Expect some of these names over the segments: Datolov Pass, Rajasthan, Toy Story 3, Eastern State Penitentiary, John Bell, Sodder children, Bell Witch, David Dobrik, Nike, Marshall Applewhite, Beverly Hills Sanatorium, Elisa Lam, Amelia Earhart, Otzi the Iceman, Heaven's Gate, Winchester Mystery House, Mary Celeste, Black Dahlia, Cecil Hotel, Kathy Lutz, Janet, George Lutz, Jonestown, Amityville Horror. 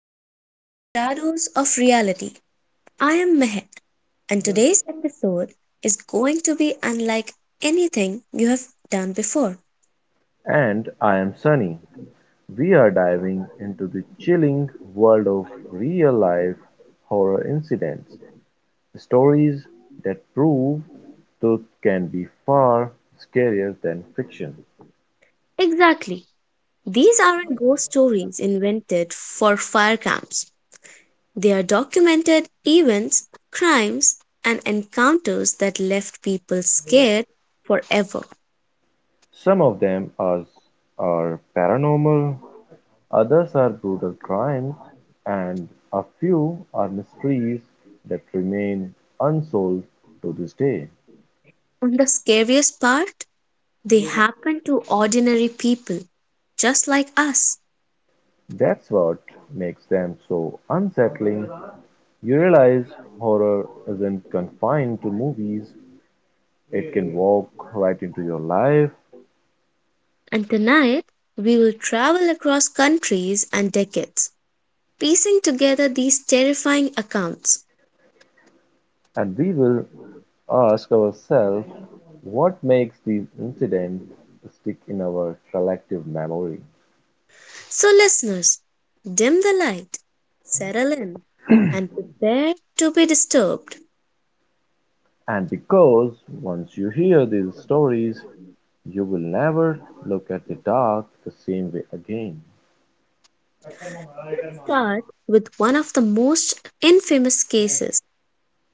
back to Shadows of Reality. I am Mehek, and today's episode is going to be unlike anything you have done before. And I am Sunny. We are diving into the chilling world of real life horror incidents, stories that prove truth can be far scarier than fiction. Exactly. These aren't ghost stories invented for fire camps. They are documented events, crimes, and encounters that left people scared forever. Some of them are paranormal, others are brutal crimes, and a few are mysteries that remain unsolved to this day. And the scariest part, they happen to ordinary people, just like us. That's what makes them so unsettling. You realize horror isn't confined to movies, it can walk right into your life, And tonight, we will travel across countries and decades, piecing together these terrifying accounts. and we will ask ourselves what makes these incidents stick in our collective memory. So, listeners, dim the light, settle in, and prepare to be disturbed. And because once you hear these stories, you will never look at the dark the same way again. Start with one of the most infamous cases,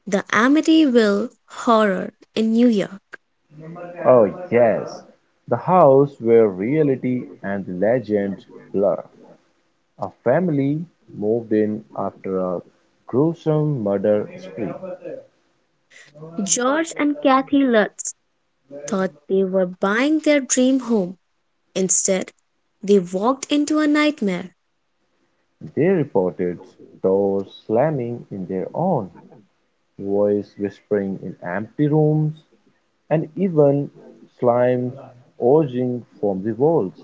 the Amityville Horror in New York. Oh, yes, the house where reality and the legend blur. A family moved in after a gruesome murder spree. George and Kathy Lutz thought they were buying their dream home. Instead, they walked into a nightmare. They reported doors slamming in their own, voices whispering in empty rooms, and even slimes oozing from the walls.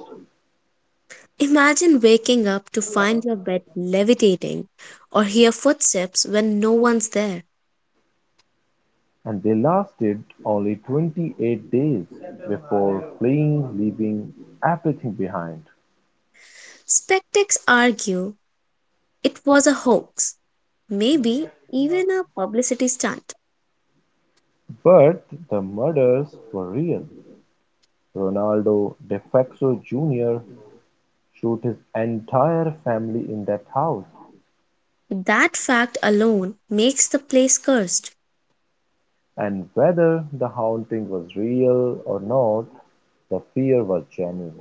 Imagine waking up to find your bed levitating or hear footsteps when no one's there. And they lasted only 28 days before fleeing, leaving everything behind. Skeptics argue it was a hoax, maybe even a publicity stunt. But the murders were real. Ronaldo De Facto Jr. shoot his entire family in that house. That fact alone makes the place cursed. And whether the haunting was real or not, the fear was genuine.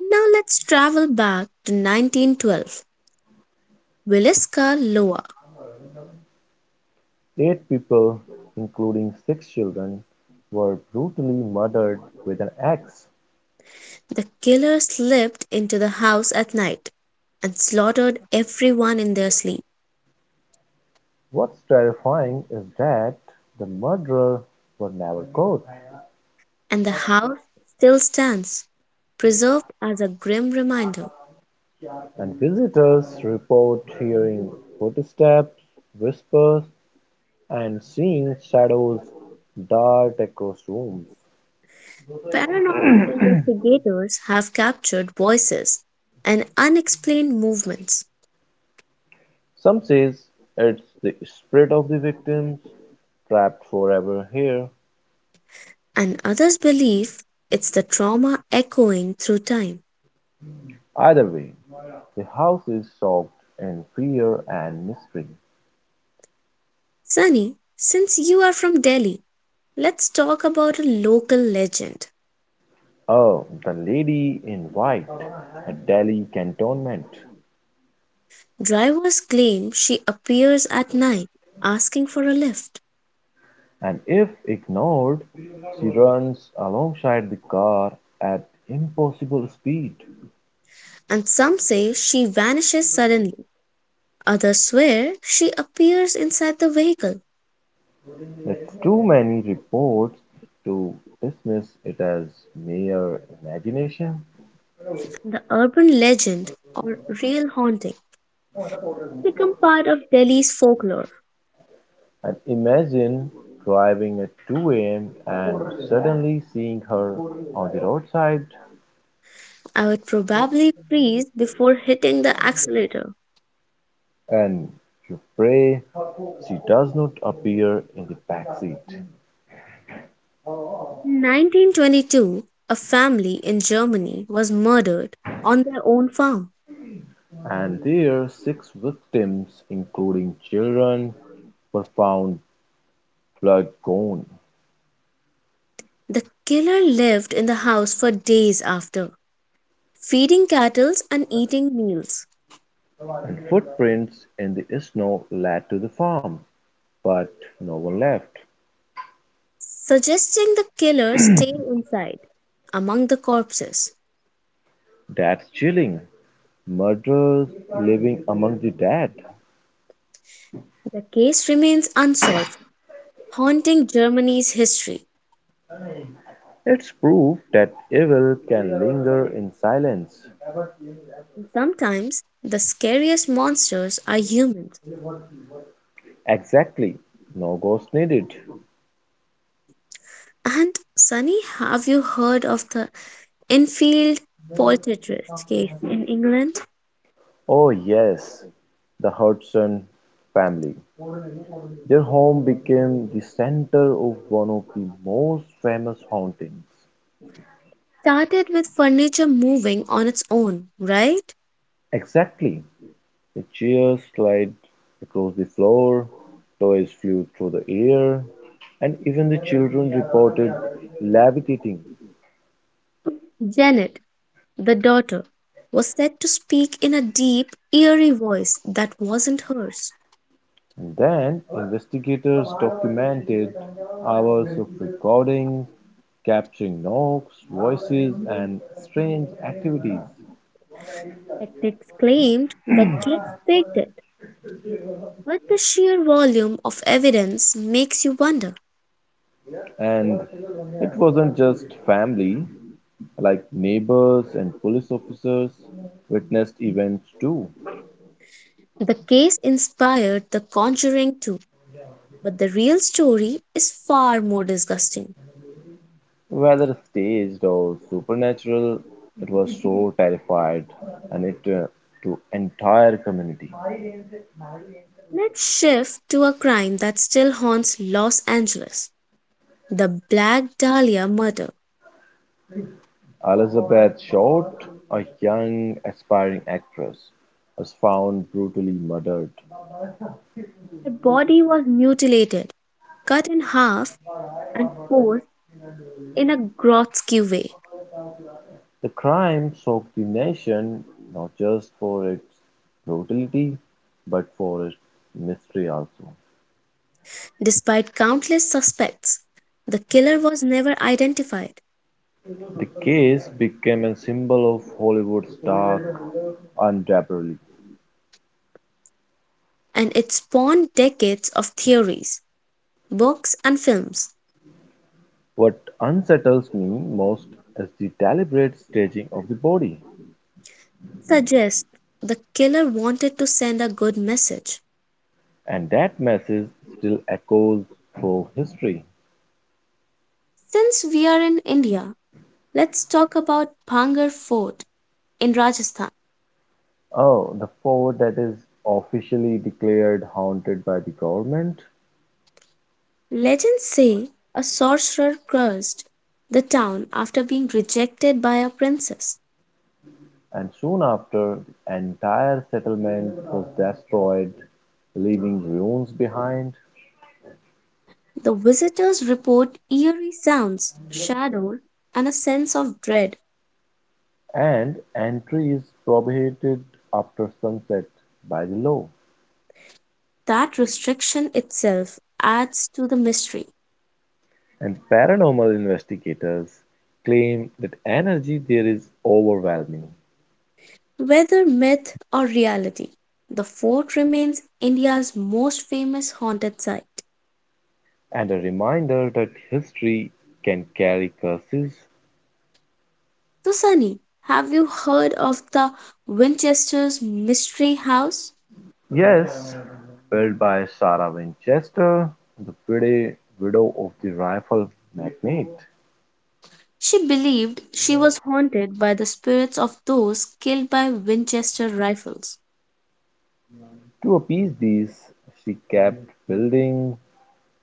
Now let's travel back to 1912. Williska Loa, Eight people, including six children, were brutally murdered with an axe. the killer slipped into the house at night and slaughtered everyone in their sleep. What's terrifying is that the murderers were never caught, And the house still stands, preserved as a grim reminder. and visitors report hearing footsteps, whispers, and seeing shadows dart across rooms. Paranormal investigators have captured voices and unexplained movements, Some says it's the spirit of the victims, trapped forever here. and others believe it's the trauma echoing through time. Either way, the house is soaked in fear and mystery. Sunny, since you are from Delhi, let's talk about a local legend. Oh, the lady in white, a Delhi cantonment. Drivers claim she appears at night asking for a lift, And if ignored, she runs alongside the car at impossible speed. and some say she vanishes suddenly. Others swear she appears inside the vehicle. But too many reports to dismiss it as mere imagination. The urban legend or real haunting become part of Delhi's folklore. And imagine driving at 2 a.m. and suddenly seeing her on the roadside, I would probably freeze before hitting the accelerator. and you pray she does not appear in the backseat. In 1922, a family in Germany was murdered on their own farm. And there, six victims, including children, were found blood gone, The killer lived in the house for days after, feeding cattle and eating meals, and footprints in the snow led to the farm, but no one left. suggesting the killer stay inside among the corpses. That's chilling. Murderers living among the dead. The case remains unsolved, haunting Germany's history. It's proof that evil can linger in silence. And sometimes the scariest monsters are humans. Exactly. No ghost needed. And Sunny, have you heard of the Enfield poltergeist case in England? Oh, yes. The Hudson family. Their home became the center of one of the most famous hauntings. Started with furniture moving on its own, right? Exactly. The chairs slid across the floor, toys flew through the air, and even the children reported levitating. Janet, the daughter, was said to speak in a deep, eerie voice that wasn't hers. Then investigators documented hours of recordings, capturing knocks, voices, and strange activities. Skeptics claimed the kids faked it, but the sheer volume of evidence makes you wonder. And it wasn't just family, like neighbors and police officers witnessed events too. The case inspired The Conjuring too, but the real story is far more disgusting. Whether staged or supernatural, it was so terrified and it to entire community. Let's shift to a crime that still haunts Los Angeles, the Black Dahlia murder. Elizabeth Short, a young aspiring actress, was found brutally murdered. Her body was mutilated, cut in half, and posed in a grotesque way. The crime shocked the nation, not just for its brutality, but for its mystery also. Despite countless suspects, the killer was never identified, The case became a symbol of Hollywood's dark underbelly. and it spawned decades of theories. Books and films What unsettles me most is the deliberate staging of the body, suggest the killer wanted to send a good message. and that message still echoes through history. Since we are in India, let's talk about Bhangar Fort in Rajasthan. Oh, the fort that is officially declared haunted by the government, Legends say a sorcerer cursed the town after being rejected by a princess. and soon after, the entire settlement was destroyed, leaving ruins behind, The visitors report eerie sounds, shadows, and a sense of dread. and entry is prohibited after sunset by the law. That restriction itself adds to the mystery. And paranormal investigators claim that energy there is overwhelming, Whether myth or reality, the fort remains India's most famous haunted site. and a reminder that history can carry curses. So, Sunny, have you heard of the Winchester's Mystery House? Yes, built by Sarah Winchester, the pretty widow of the rifle magnate. She believed she was haunted by the spirits of those killed by Winchester rifles. To appease these, she kept building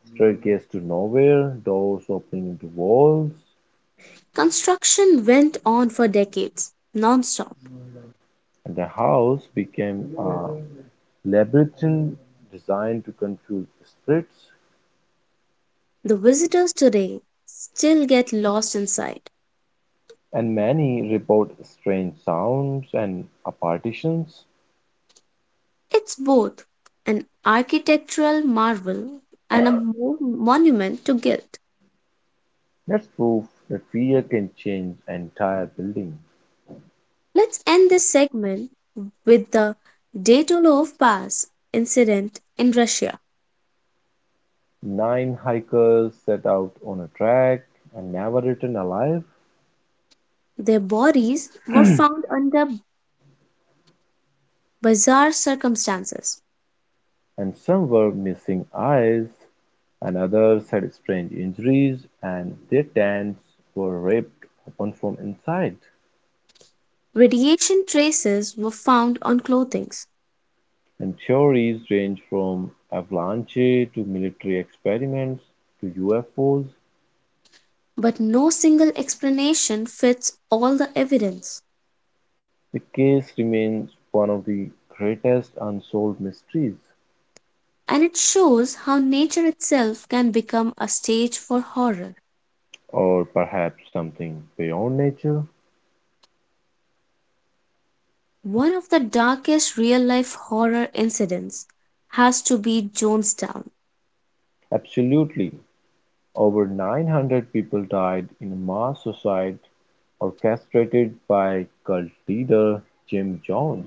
staircases to nowhere, doors opening into walls, Construction went on for decades, non stop. and the house became a labyrinth designed to confuse spirits. The visitors today still get lost inside. And many report strange sounds and apparitions. It's both an architectural marvel and a monument to guilt. That's proof that fear can change entire buildings. Let's end this segment with the Datolov Pass incident in Russia. Nine hikers set out on a trek and never returned alive, Their bodies were found under bizarre circumstances. and some were missing eyes, and others had strange injuries, and their tents were ripped open from inside. Radiation traces were found on clothing, And theories range from avalanche to military experiments to UFOs. but no single explanation fits all the evidence. The case remains one of the greatest unsolved mysteries, And it shows how nature itself can become a stage for horror. or perhaps something beyond nature. One of the darkest real life horror incidents has to be Jonestown. Absolutely. Over 900 people died in a mass suicide orchestrated by cult leader Jim Jones,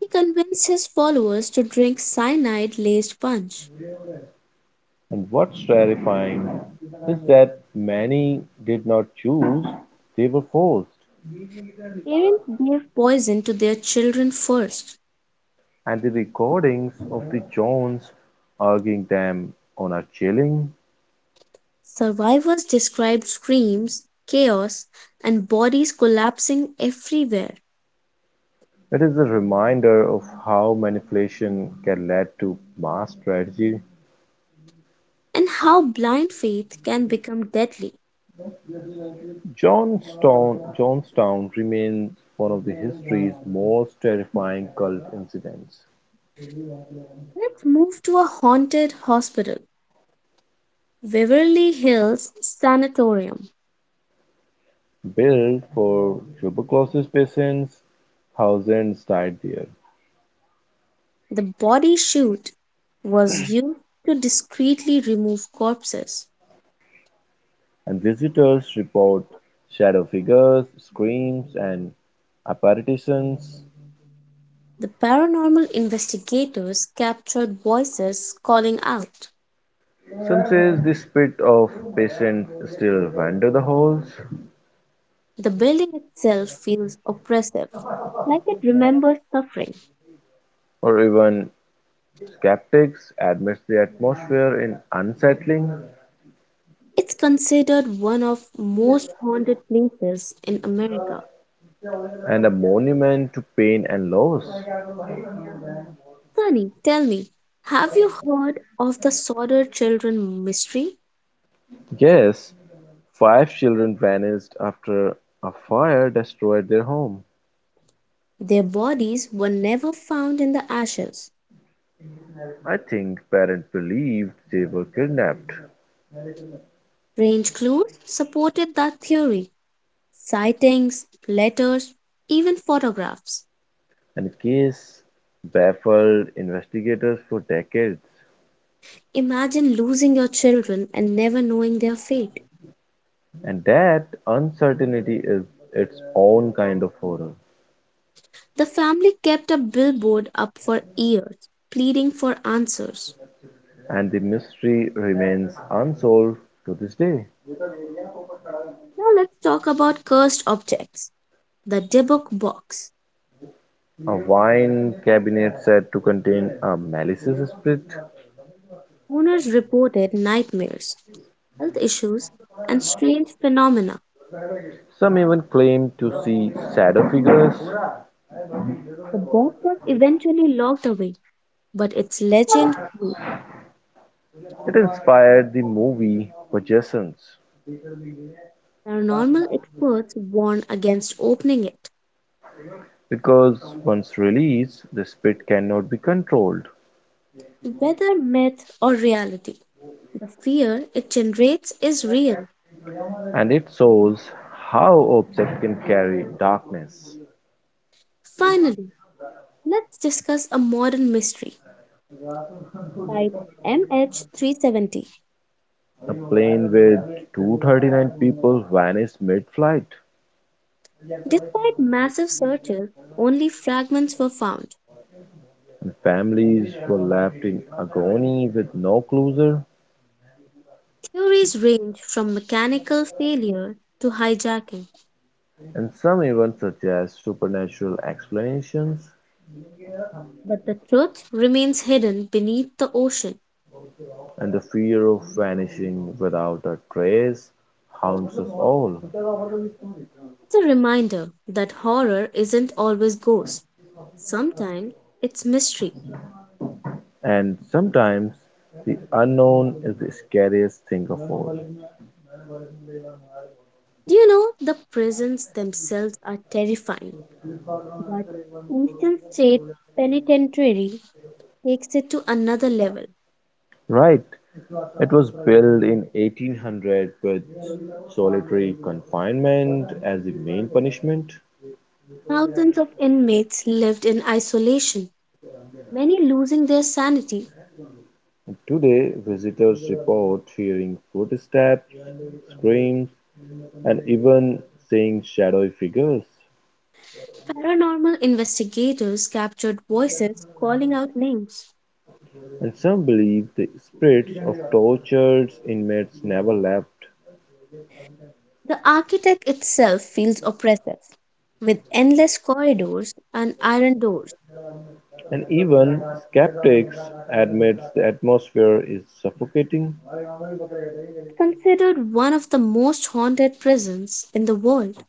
He convinced his followers to drink cyanide laced punch. and what's terrifying is that many did not choose, they were forced. Parents gave poison to their children first. And the recordings of the Jones urging them on are chilling. Survivors described screams, chaos, and bodies collapsing everywhere, It is a reminder of how manipulation can lead to mass tragedy. and how blind faith can become deadly. Johnstown remains one of the history's most terrifying cult incidents, Let's move to a haunted hospital, Beverly Hills Sanatorium. built for tuberculosis patients, thousands died there, The body chute was used to discreetly remove corpses. and visitors report shadow figures, screams, and apparitions. The paranormal investigators captured voices calling out. Some say the spirit of patients still wander the halls, The building itself feels oppressive, like it remembers suffering. or even skeptics admit the atmosphere is unsettling It's considered one of most haunted places in America. and a monument to pain and loss. Sunny, tell me, have you heard of the Sodder children mystery? Yes, five children vanished after a fire destroyed their home. Their bodies were never found in the ashes. I think parents believed they were kidnapped, Range clues supported that theory. Sightings, letters, even photographs. and case baffled investigators for decades. Imagine losing your children and never knowing their fate. And that uncertainty is its own kind of horror, The family kept a billboard up for years, pleading for answers. and the mystery remains unsolved to this day. Now let's talk about cursed objects. The Dybbuk box. A wine cabinet said to contain a malicious spirit. Owners reported nightmares, health issues, and strange phenomena. Some even claim to see shadow figures. The box was eventually locked away, but its legend grew. It inspired the movie "Vagations" Paranormal experts warn against opening it. because once released, the spirit cannot be controlled, Whether myth or reality, the fear it generates is real. and it shows how objects can carry darkness. Finally, let's discuss a modern mystery type MH370. A plane with 239 people vanished mid-flight, Despite massive searches, only fragments were found. and families were left in agony with no closure, Theories range from mechanical failure to hijacking, and some even suggest supernatural explanations, but the truth remains hidden beneath the ocean. and the fear of vanishing without a trace haunts us all. It's a reminder that horror isn't always ghosts. Sometimes it's mystery. And sometimes the unknown is the scariest thing of all. Do you know the prisons themselves are terrifying, but Eastern State Penitentiary takes it to another level. Right. It was built in 1800 with solitary confinement as the main punishment. Thousands of inmates lived in isolation, many losing their sanity. Today, visitors report hearing footsteps, screams, and even seeing shadowy figures. Paranormal investigators captured voices calling out names. And some believe the spirits of tortured inmates never left. The architect itself feels oppressive, with endless corridors and iron doors. And even skeptics admit the atmosphere is suffocating, Considered one of the most haunted prisons in the world.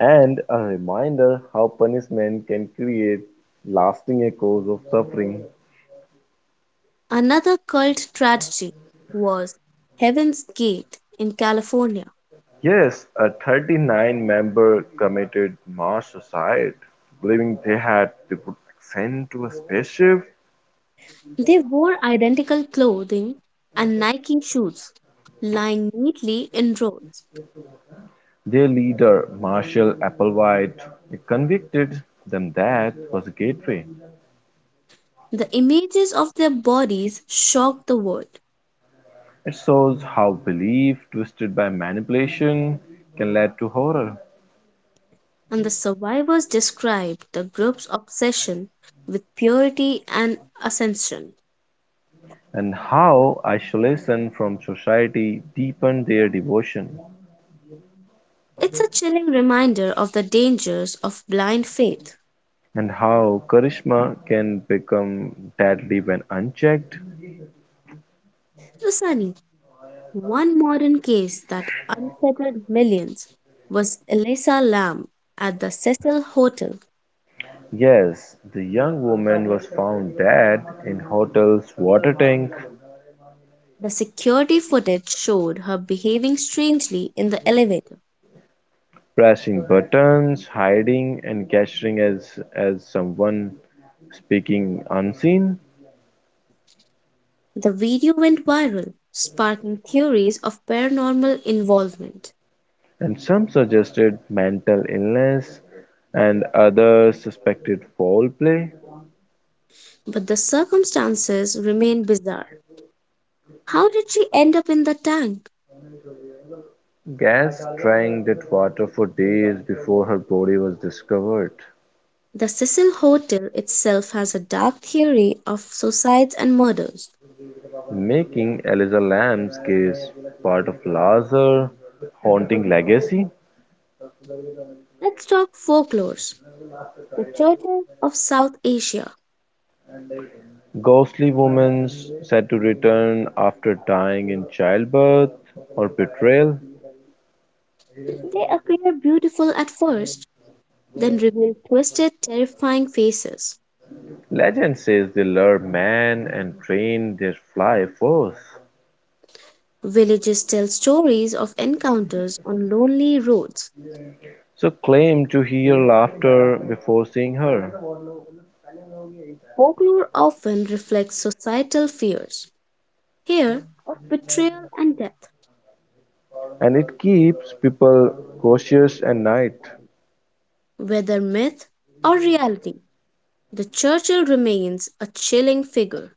and a reminder how punishment can create lasting echoes of suffering. Another cult tragedy was Heaven's Gate in California. Yes, a 39-member committed mass suicide, believing they had to put sent to a spaceship. They wore identical clothing and Nike shoes, lying neatly in rows. Their leader, Marshall Applewhite, convicted them that was a gateway. The images of their bodies shocked the world, It shows how belief twisted by manipulation can lead to horror, and the survivors described the group's obsession with purity and ascension. and how isolation from society deepened their devotion. It's a chilling reminder of the dangers of blind faith. And how charisma can become deadly when unchecked? The Sunny, one modern case that unsettled millions was Elisa Lam at the Cecil Hotel. Yes, the young woman was found dead in hotel's water tank, The security footage showed her behaving strangely in the elevator. pressing buttons, hiding and gesturing as someone speaking unseen, The video went viral, sparking theories of paranormal involvement. and some suggested mental illness and others suspected foul play. But the circumstances remain bizarre. How did she end up in the tank? Gas drained that water for days before her body was discovered, The Cecil Hotel itself has a dark theory of suicides and murders. making Eliza Lambs case part of larger haunting legacy. Let's talk folklores. The Churches of South Asia. Ghostly women said to return after dying in childbirth or betrayal. They appear beautiful at first, then reveal twisted, terrifying faces. Legend says they lure men and train their fly force. Villages tell stories of encounters on lonely roads. So claim to hear laughter before seeing her. Folklore often reflects societal fears, here of betrayal and death. And it keeps people cautious at night. Whether myth or reality, the Churchill remains a chilling figure.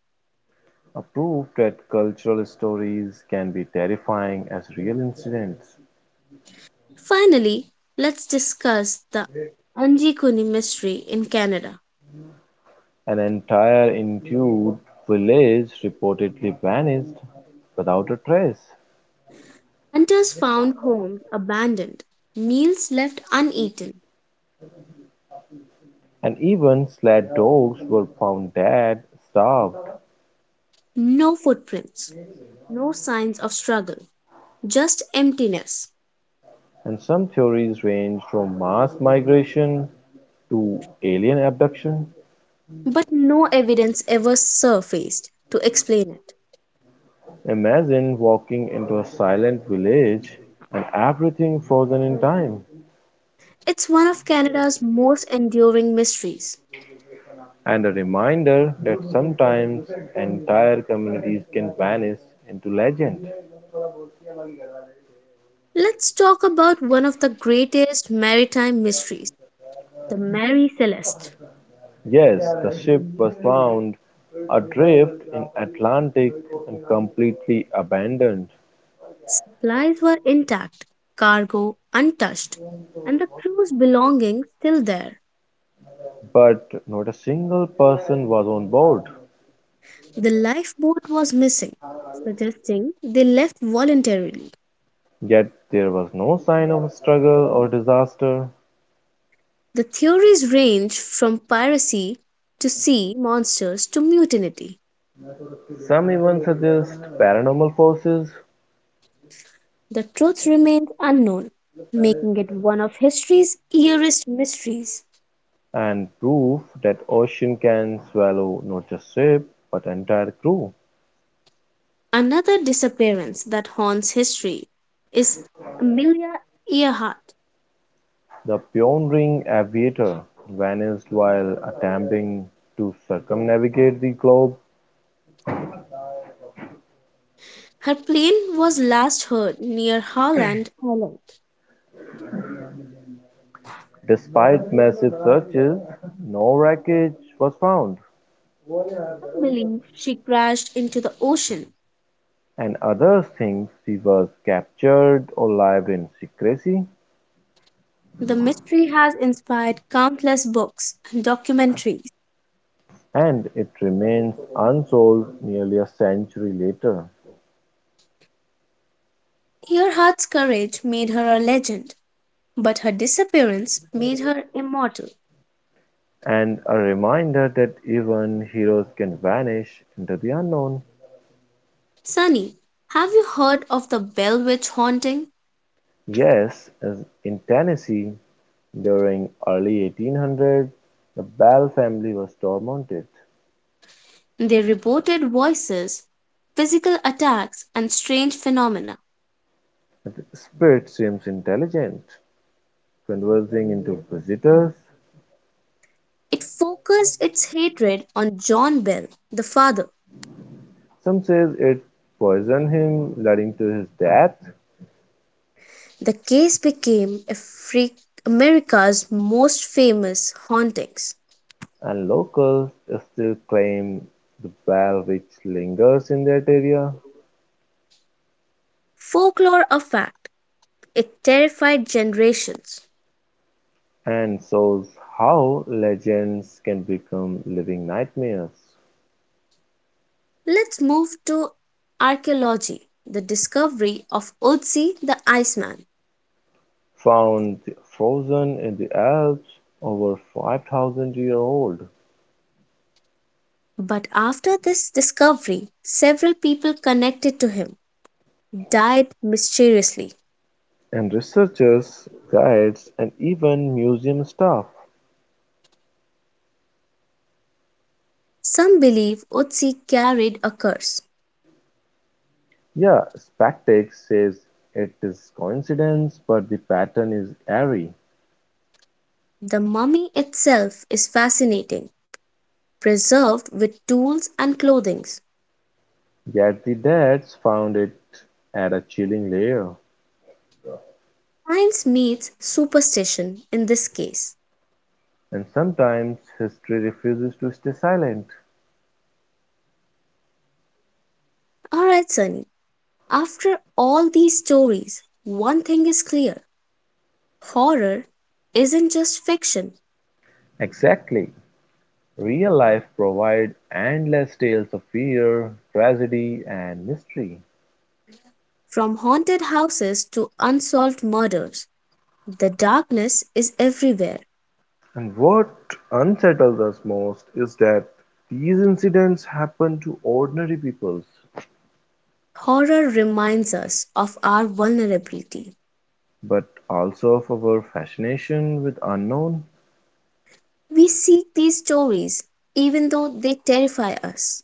A proof that cultural stories can be terrifying as real incidents. Finally, let's discuss the Anjikuni mystery in Canada. An entire Inuit village reportedly vanished without a trace, Hunters found homes abandoned, meals left uneaten, and even sled dogs were found dead, starved, no footprints, no signs of struggle, just emptiness. and some theories range from mass migration to alien abduction. But no evidence ever surfaced to explain it. Imagine walking into a silent village and everything frozen in time, It's one of Canada's most enduring mysteries. and a reminder that sometimes entire communities can vanish into legend. Let's talk about one of the greatest maritime mysteries, the Mary Celeste. Yes, the ship was found adrift in Atlantic and completely abandoned, Supplies were intact, cargo untouched, and the crew's belongings still there. but not a single person was on board. The lifeboat was missing, suggesting they left voluntarily. Yet there was no sign of struggle or disaster. The theories range from piracy to sea monsters to mutiny. Some even suggest paranormal forces. The truth remains unknown, making it one of history's eerest mysteries. And proof that ocean can swallow not just ship but entire crew. Another disappearance that haunts history is Amelia Earhart. The pioneering aviator vanished while attempting to circumnavigate the globe. Her plane was last heard near Howland Island. Despite massive searches, no wreckage was found, Some believe she crashed into the ocean. and others think she was captured alive in secrecy, The mystery has inspired countless books and documentaries. and it remains unsolved nearly a century later, Earhart's courage made her a legend, but her disappearance made her immortal. and a reminder that even heroes can vanish into the unknown. Sunny, have you heard of the Bell Witch haunting? Yes, as in Tennessee, during early 1800s, the Bell family was tormented. They reported voices, physical attacks, and strange phenomena. The spirit seems intelligent, conversing into visitors. It focused its hatred on John Bell, the father. Some says it poisoned him, leading to his death, The case became America's most famous hauntings. and locals still claim the bell which lingers in that area Folklore a fact, it terrified generations. and shows how legends can become living nightmares. Let's move to archaeology, the discovery of Otzi the Iceman. Found frozen in the Alps over 5,000 years old, But after this discovery, several people connected to him died mysteriously. and researchers, guides, and even museum staff. Some believe Otzi carried a curse. Yeah, Spactex says it is coincidence, but the pattern is eerie. The mummy itself is fascinating, preserved with tools and clothing. Yet the Dats found it at a chilling layer. Science meets superstition in this case. And sometimes history refuses to stay silent. Alright, Sunny, after all these stories, one thing is clear, horror isn't just fiction. Exactly. Real life provides endless tales of fear, tragedy, and mystery. From haunted houses to unsolved murders, the darkness is everywhere. And what unsettles us most is that these incidents happen to ordinary peoples, Horror reminds us of our vulnerability. but also of our fascination with unknown We seek these stories even though they terrify us.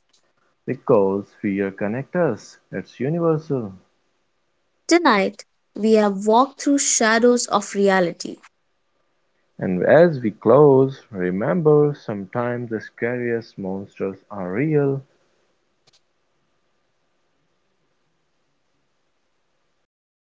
because fear connects us. It's universal. Tonight, we have walked through shadows of reality. And as we close, remember, sometimes the scariest monsters are real.